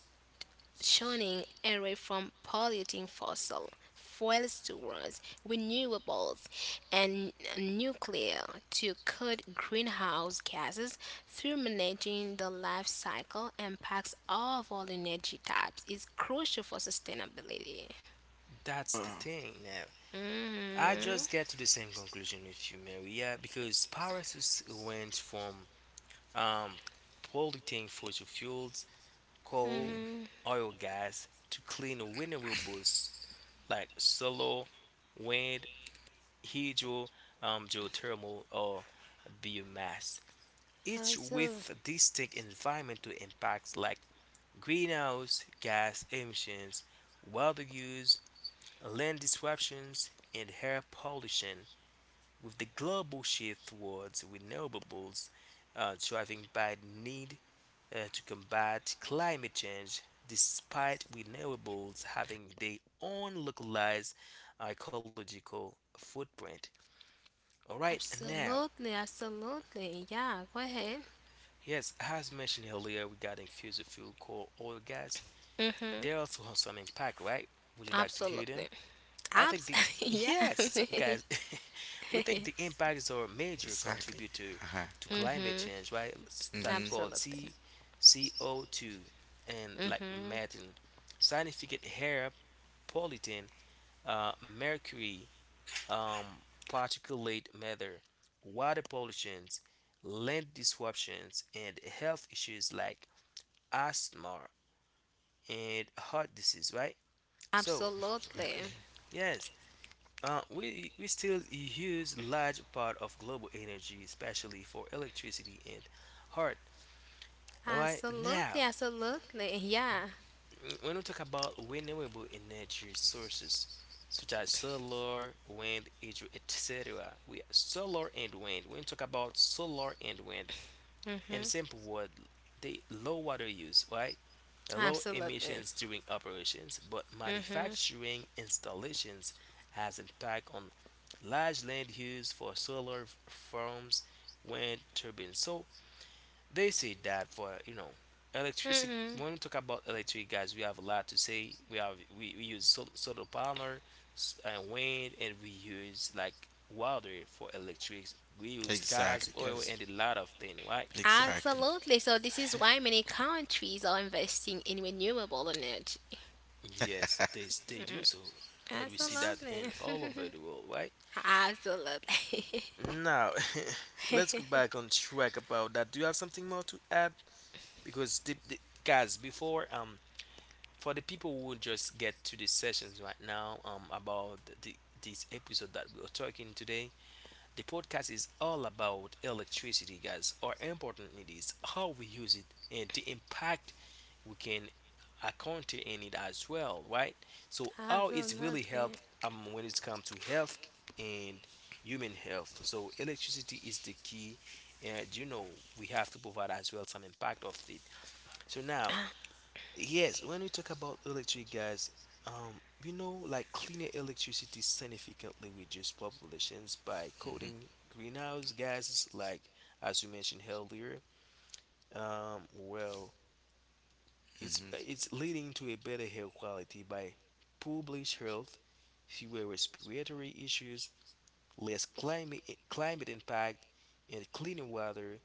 away from polluting fossil fuels towards renewables and nuclear to cut greenhouse gases through managing the life cycle impacts of all energy types is crucial for sustainability. That's the Wow. thing. Now, I hmm just get to the same conclusion with you, Maria, because power suits went from um, polluting fossil fuels, coal, hmm oil, gas to clean renewables like solar, wind, hydro, geothermal, or biomass, each Absolutely. with distinct environmental impacts like greenhouse gas emissions, water use, land disruptions, and air pollution. With the global shift towards renewables driving by the need to combat climate change, despite renewables having their own localized ecological footprint. All right, now, Absolutely. Absolutely. Yeah. Go ahead. yes, as mentioned earlier regarding fossil fuel, coal, oil, gas, they also have some impact, right? Would you like to hear them? Absolutely. I think Abs the yeah. Yes, so guys, we think the impacts or major Exactly. contributor Uh-huh. to climate change, right? S- That we hmm call absolutely. C, C O 2, and like methane, significant air pollutant, mercury, um, particulate matter, water pollutions, land disruptions, and health issues like asthma and heart disease, right? So Exactly. Absolutely. yes, uh, we still use large part of global energy, especially for electricity and heart. Right Absolutely. now, Absolutely. Yeah. mm, when we talk about renewable energy sources such as solar, wind, hydro, etc., we solar and wind. When we talk about solar and wind, in Mm-hmm. simple word, they low water use, right? Low Absolutely. emissions during operations, but Mm-hmm. manufacturing installations has impact on large land used for farms, wind turbines. So they say that for you know electricity. Mm-hmm. When we talk about electric, guys, we have a lot to say. We have we use solar panel and wind, and we use like water for electric. We use gas, Exactly, oil, guys. and a lot of things, right? Exactly. Absolutely. So this is why many countries are investing in renewable energy. Yes, they do so, and we see Ex- that Absolutely. in all over the world, right? Absolutely. Now, let's go back on track about that. Do you have something more to add? Because the guys before, for the people who will just get to the sessions right now, about the this episode that we are talking today, the podcast is all about electricity, guys, or important it is how we use it and the impact we can encounter in it as well, right? So how it's really Absolutely. helped when it comes to health and human health. So electricity is the key, and you know we have to provide as well some impact of it. So now, yes, when we talk about electric, guys, we know like cleaner electricity significantly reduce populations by hmm cutting greenhouse gases, like as we mentioned earlier. Well, it's leading to a better air quality by poor bleach health, fewer respiratory issues, less climate, climate impact, and cleaner water,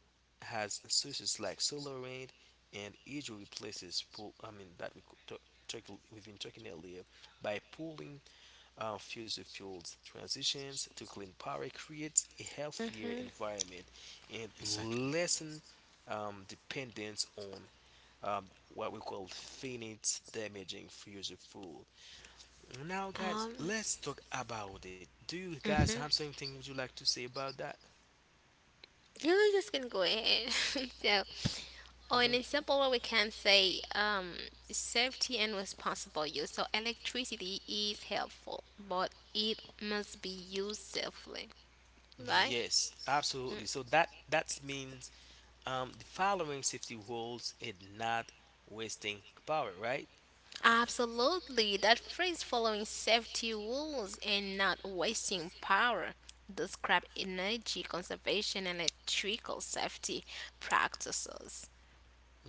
has sources like solar, wind, and usually replaces pool. I mean that we could we've been talking earlier by pooling fossil fuels. Transitions to clean power creates a healthier Mm-hmm. environment and Exactly. lessen dependence on um, what we call finite damaging fossil fuel. Now, guys, Um. let's talk about it. Do you guys have Mm-hmm. something would you like to say about that? Yeah, I'm just gonna go ahead. so, oh, and Hmm. in a simple way, we can say safety and responsible use. So, electricity is helpful, but it must be used safely, right? Yes, absolutely. Mm. So that that means the following safety rules is not wasting power, right? Absolutely. That phrase following safety rules and not wasting power describe energy conservation and electrical safety practices.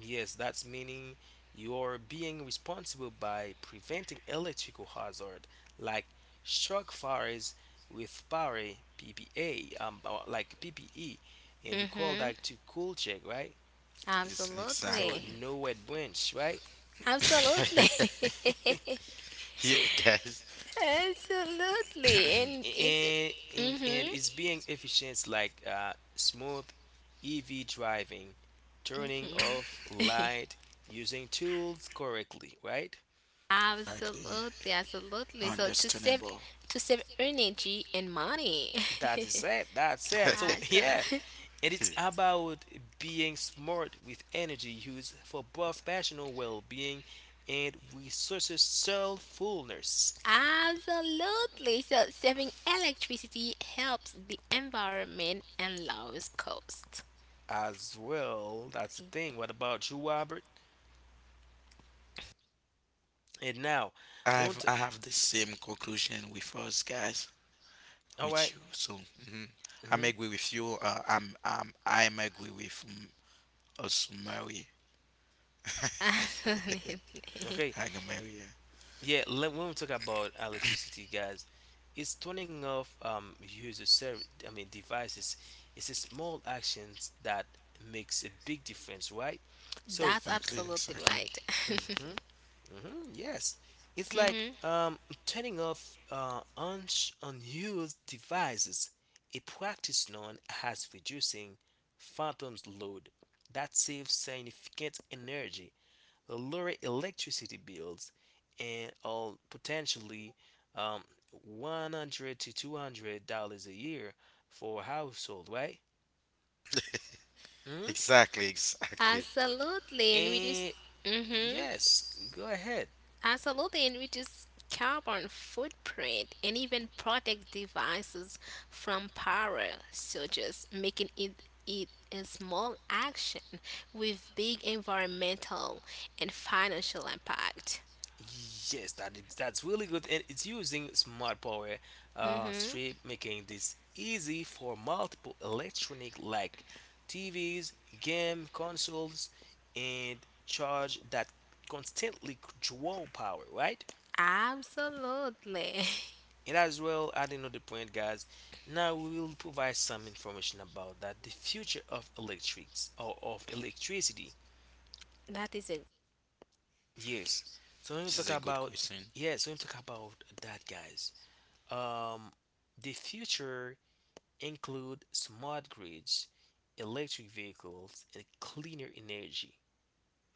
Yes, that's meaning you're being responsible by preventing electrical hazard like shock fires with power PPA, or like PPE, and we call Mm-hmm. that to cool check, right? So Absolutely. Exactly. no wet branch, right? Absolutely. Yeah, So guys. Absolutely, and it's and mm-hmm. it's being efficient like smooth EV driving, turning off light, using tools correctly, right? Exactly. Absolutely, absolutely. Understandable. To save energy and money. That is it. That's it. So Abso- yeah, and it's about being smart with energy use for both personal well-being and resources self-fullness Absolutely. So saving electricity helps the environment and lowers cost. as well. That's the thing. What about you, Robert? And now, we want to. I have the same conclusion with us guys All with right. you. So mhm. I'm Mm-hmm. agree with you. I'm agree with us Mary. Absolutely. Okay. I can marry her. Yeah. Let, when we talk about electricity, guys, it's turning off user service. I mean devices. It's a small actions that makes a big difference, right? So. That's Exactly, absolutely exactly, right. Mhm. Mhm, yes, it's like Mm-hmm. Turning off unused devices, a practice known as reducing phantom's load, that saves significant energy, lower electricity bills, and all potentially um, 100 to $200 a year for a household, right? Mhm. exactly, exactly. Absolutely, and we just. And Mm-hmm. yes, go ahead. Absolutely, and reduce carbon footprint and even protect devices from power, so just making it a small action with big environmental and financial impact. Yes, that is, that's really good, and it's using smart power hmm strip, making this easy for multiple electronic like TVs, game consoles, and charge that constantly draw power, right? Absolutely, And as well, adding another point, guys. Now we will provide some information about that the future of electrics or of electricity. that is it. Yes. So when we This talk is a good question. When we talk about that, guys. Um, the future include smart grids, electric vehicles, and cleaner energy.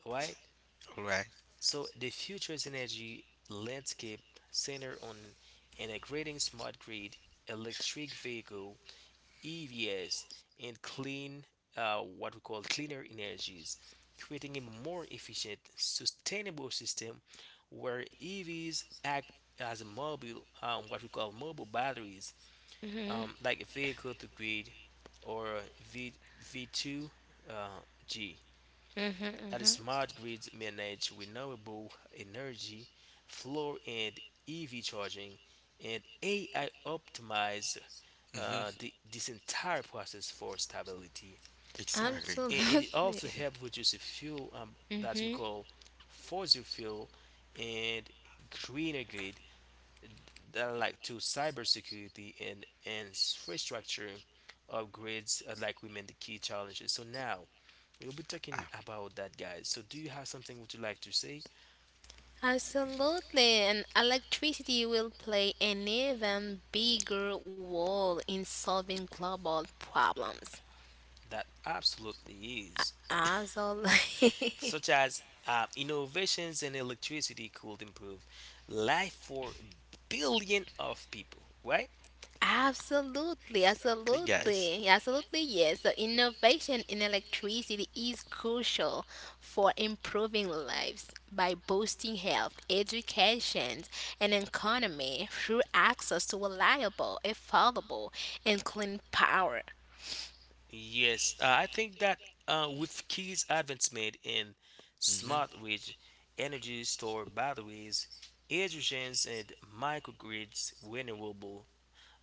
Right? All right. So the future's energy landscape center on integrating smart grid, electric vehicle, EVs, and clean, what we call cleaner energies, creating a more efficient, sustainable system where EVs act as a mobile, what we call mobile batteries, Mm-hmm, like vehicle to grid, or v, V2G. Uh, mm-hmm, that is mm-hmm. smart grids manage renewable energy flow and EV charging, and AI optimize Mm-hmm. This entire process for stability. Exactly. And it also Absolutely. helps reduce the fuel, that we Mm-hmm. call fossil fuel, and greener grid, like to cybersecurity and infrastructure upgrades are like remain the key challenges. So now we'll be Ah, talking about that, guys. So do you have something would you like to say? Absolutely, and electricity will play an even bigger role in solving global problems. That absolutely is, Absolutely. such as innovations in electricity could improve life for a billion of people, right? Absolutely, okay, guys. absolutely, absolutely, yes. So, innovation in electricity is crucial for improving lives by boosting health, education, and economy through access to reliable, affordable, and clean power. Yes, I think that with key advancement in Mm-hmm. smart grid, energy store batteries, hydrogens and microgrids, renewable,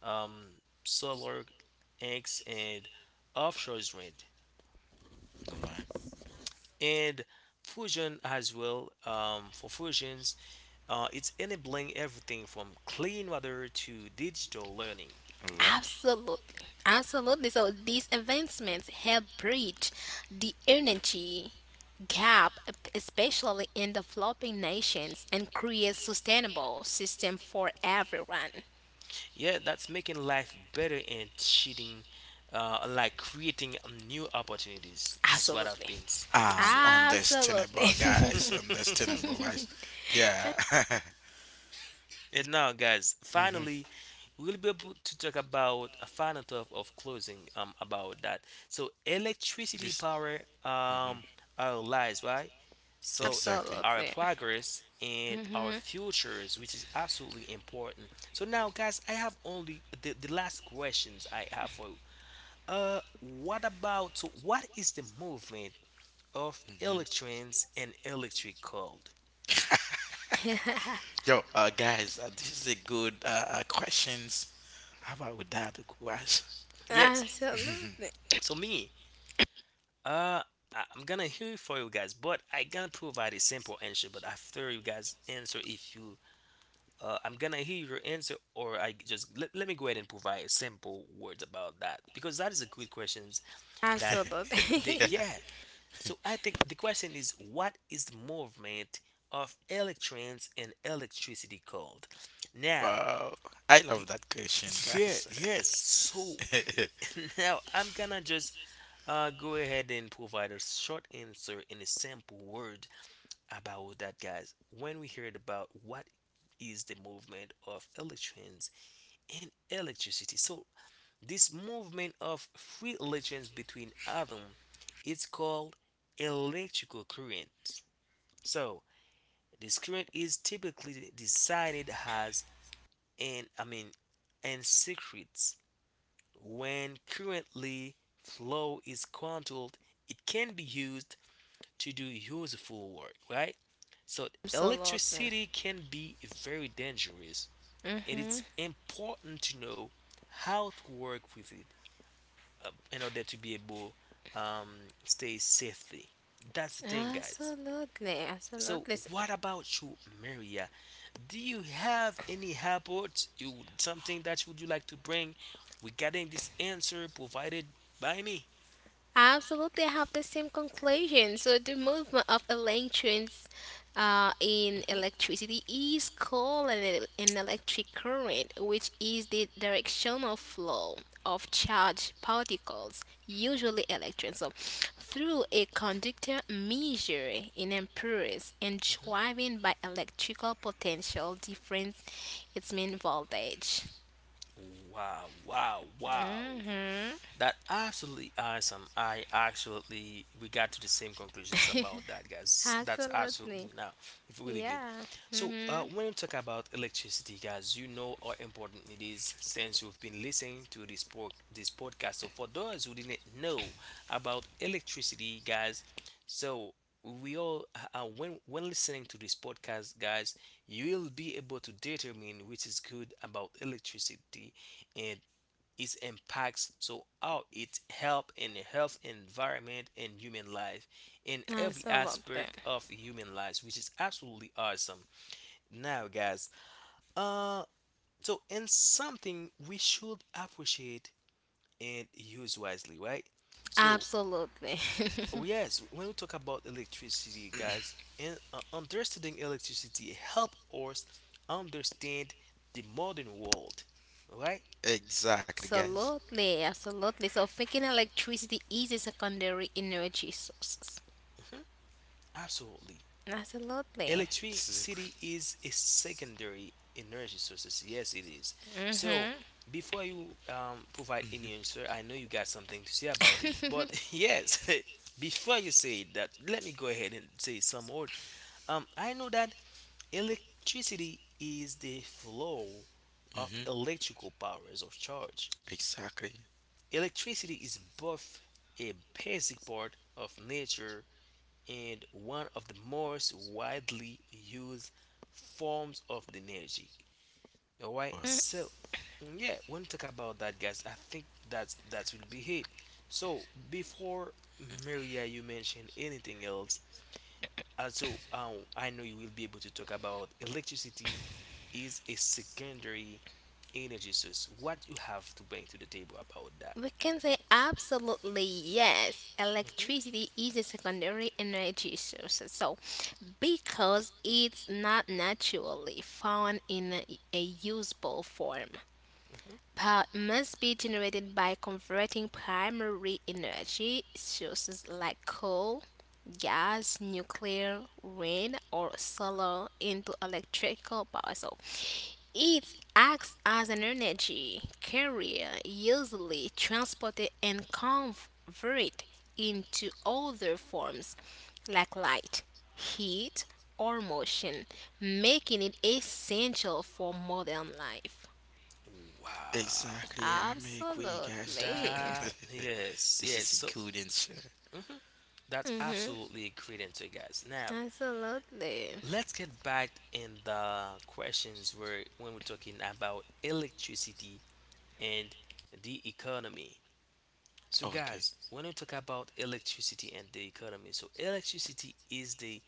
solar, eggs and offshore wind, All right. and fusion as well. For fusions, it's enabling everything from clean water to digital learning. All Absolutely. Absolutely. So these advancements help bridge the energy gap, especially in developing nations, and create sustainable system for everyone. Yeah, that's making life better and cheating, like creating new opportunities. This is what I've Absolutely. been able right. to say. Absolutely. Understandable, guys. Understandable, guys. Yeah. And now, guys, finally, hmm we'll be able to talk about a final thought of closing about that. So, electricity Yes. power hmm um our lives, right? So, Exactly. our Absolutely. progress and our hmm futures, which is absolutely important. So now, guys, I have only the last questions I have for, uh, what about, so what is the movement of hmm electrons and electric cold? Yo, guys, this is a good questions. How about with that, guys? Yes. Absolutely. So me, uh, I'm gonna hear it for you guys, but I gonna provide a simple answer. But after you guys answer, if you, I'm gonna hear your answer, or I just let me go ahead and provide a simple words about that because that is a good questions that the Yeah. Absolutely. yeah. So I think the question is what is the movement of electrons and electricity called? Now, Wow, I Y- love that question, Yeah, guys. yes. So now I'm gonna just go ahead and provide a short answer in a simple word about that, guys. When we heard about what is the movement of electrons and electricity, so this movement of free electrons between atoms is called electrical current. So this current is typically decided as an I mean and secrets. When currently flow is controlled, it can be used to do useful work, right? So Absolutely. electricity can be very dangerous, and hmm it's important to know how to work with it in order to be able stay safely. That's the thing, guys. Absolutely. So, Absolutely. what about you, Maria? Do you have any habit you something that would you like to bring regarding this answer provided by me? Absolutely, I have the same conclusion. So the movement of electrons in Mhm. Mhm. electricity is called an electric current, which is the directional flow of charged particles, usually electrons, so through a conductor measured in amperes and driven by electrical potential difference, its main voltage. Wow, wow, wow. Mm-hmm. That absolutely awesome. I absolutely we got to the same conclusions about that, guys. That's Absolutely. absolutely now it's really good. Yeah. So Mm-hmm. when you talk about electricity, guys, you know how important it is since you've been listening to this this podcast. So for those who didn't know about electricity, guys, so we all when listening to this podcast guys, you'll be able to determine which is good about electricity, and its impacts, so how it help in the health environment and human life in every Absolutely. aspect of human lives, which is absolutely awesome. Now guys, uh so and something we should appreciate and use wisely, right? So Absolutely. oh, yes, when we talk about electricity, guys, and understanding electricity help us understand the modern world, right? Exactly, guys. Absolutely. Absolutely. So thinking electricity is a secondary energy source. Mhm, absolutely. Absolutely. This is a. Electricity Qu- is a secondary energy source. Yes, it is. So, Mm-hmm. before you provide any hmm answer, I know you got something to say about it. But yes, before you say that, let me go ahead and say some more. I know that electricity is the flow of hmm electrical powers of charge. Exactly. Electricity is both a basic part of nature and one of the most widely used forms of the energy. All right, so yeah, when we talk about that, guys, I think that's that will be it. So before Maria, you mention anything else? Also, I know you will be able to talk about electricity is a secondary energy source. What you have to bring to the table about that? We can say absolutely yes. Mm-hmm, Electricity is a secondary energy source. So because it's not naturally found in a usable form. mm-hmm. Power must be generated by converting primary energy sources like coal, gas, nuclear, wind, or solar into electrical power. So it acts as an energy carrier, usually transported and converted into other forms like light, heat, or motion, making it essential for modern life. Wow, Exactly. I make we, guys. Absolutely. that yes, This yes. is a So good answer. mhm. That's Mhm. absolutely agreed into guys. Now, Absolutely. let's get back in the questions where when we're talking about electricity and the economy. So, Oh, okay. guys, when we talk about electricity and the economy, so electricity is the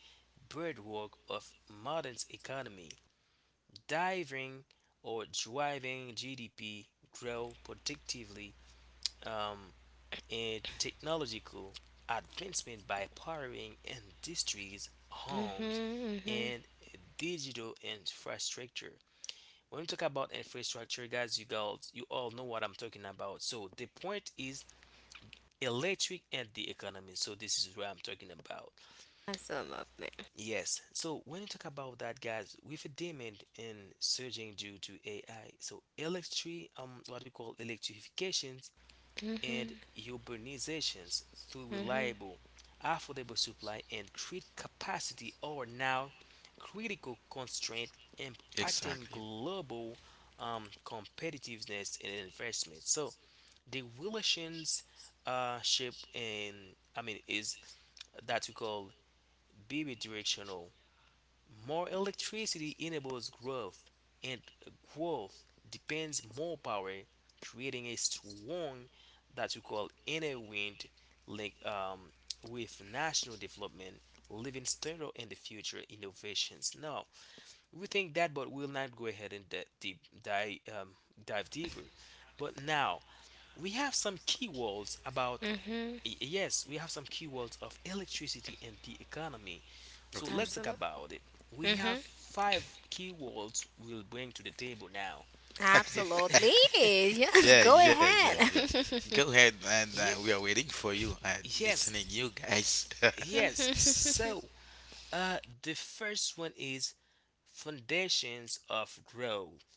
birthwork of modern economy, diving or driving GDP grow predictively. Um. And technological advancement by powering industries, homes, Mhm. Mhm. and digital infrastructure. When we talk about infrastructure, guys, you all know what I'm talking about. So the point is electric and the economy. So this is what I'm talking about. Absolutely. Yes. So when you talk about that, guys, with a demand and surging due to AI, so electric, what we call electrifications and Mhm. urbanizations through Mhm. reliable, affordable supply and grid capacity are now critical constraints impacting Exactly. global competitiveness and investment. So the relations shape and I mean is that we call bidirectional, more electricity enables growth, and growth depends more power, creating a strong that we call inner wind link with national development, living standard, and the future innovations. Now, we think that, but we'll not go ahead and deep, dive, dive deeper. But now, we have some keywords about Mhm. Yes, we have some keywords of electricity and the economy. So Okay. let's talk Absolutely. about it. We have Mhm. Mm-hmm. 5 keywords we'll bring to the table now. The f- Absolutely. Yes, Yeah, go yeah, yeah, yeah. ahead. Go ahead, and Ye- we are waiting for you and yes, listening you guys. yes. Mhm. So, the first one is foundations of growth,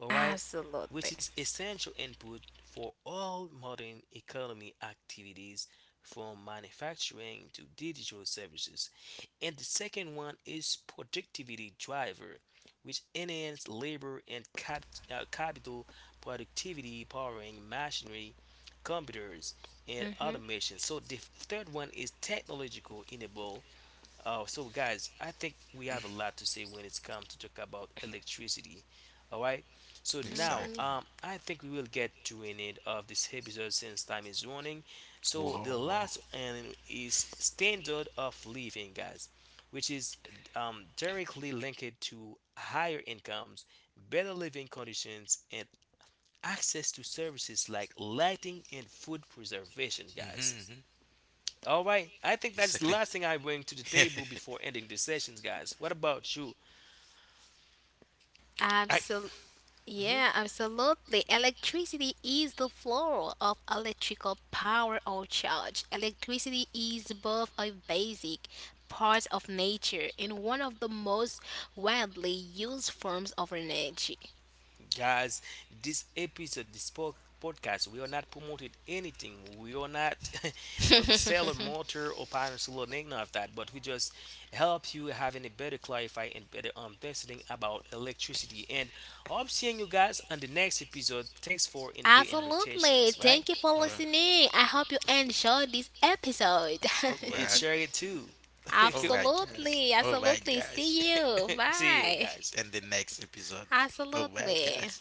all right, Absolutely. which is essential input for all modern economy activities from manufacturing to digital services. And the second one is productivity driver, which enhance labor and capital productivity powering machinery, computers, and Mhm. automation. So the third one is technological enable. So guys, I think we have a lot to say when it's come to talk about electricity. All right. So now, Mhm. Exactly. I think we will get to an end of this episode since time is running. So Wow, the wow. last one is standard of living, guys, which is directly linked to higher incomes, better living conditions, and access to services like lighting and food preservation, guys. Mm-hmm, hmm All right. I think that's the Exactly. last thing I bring to the table before ending the sessions, guys. What about you? I. Absolutely. Yeah, absolutely. Electricity is the flow of electrical power or charge. Electricity is both a basic part of nature and one of the most widely used forms of energy. Guys, this episode, this podcast, we are not promoting anything, we are not seller motor or partners or nothing of that, but we just help you having a better clarify and better understanding about electricity, and hope seeing you guys on the next episode. Thanks for in the invitations, Absolutely. right, Thank you for All right, listening. I hope you enjoyed this episode. all and right, share it too. all right, guys. absolutely. All right, Absolutely. guys. See you. See you Bye. guys. And the next episode. All right, Absolutely. guys.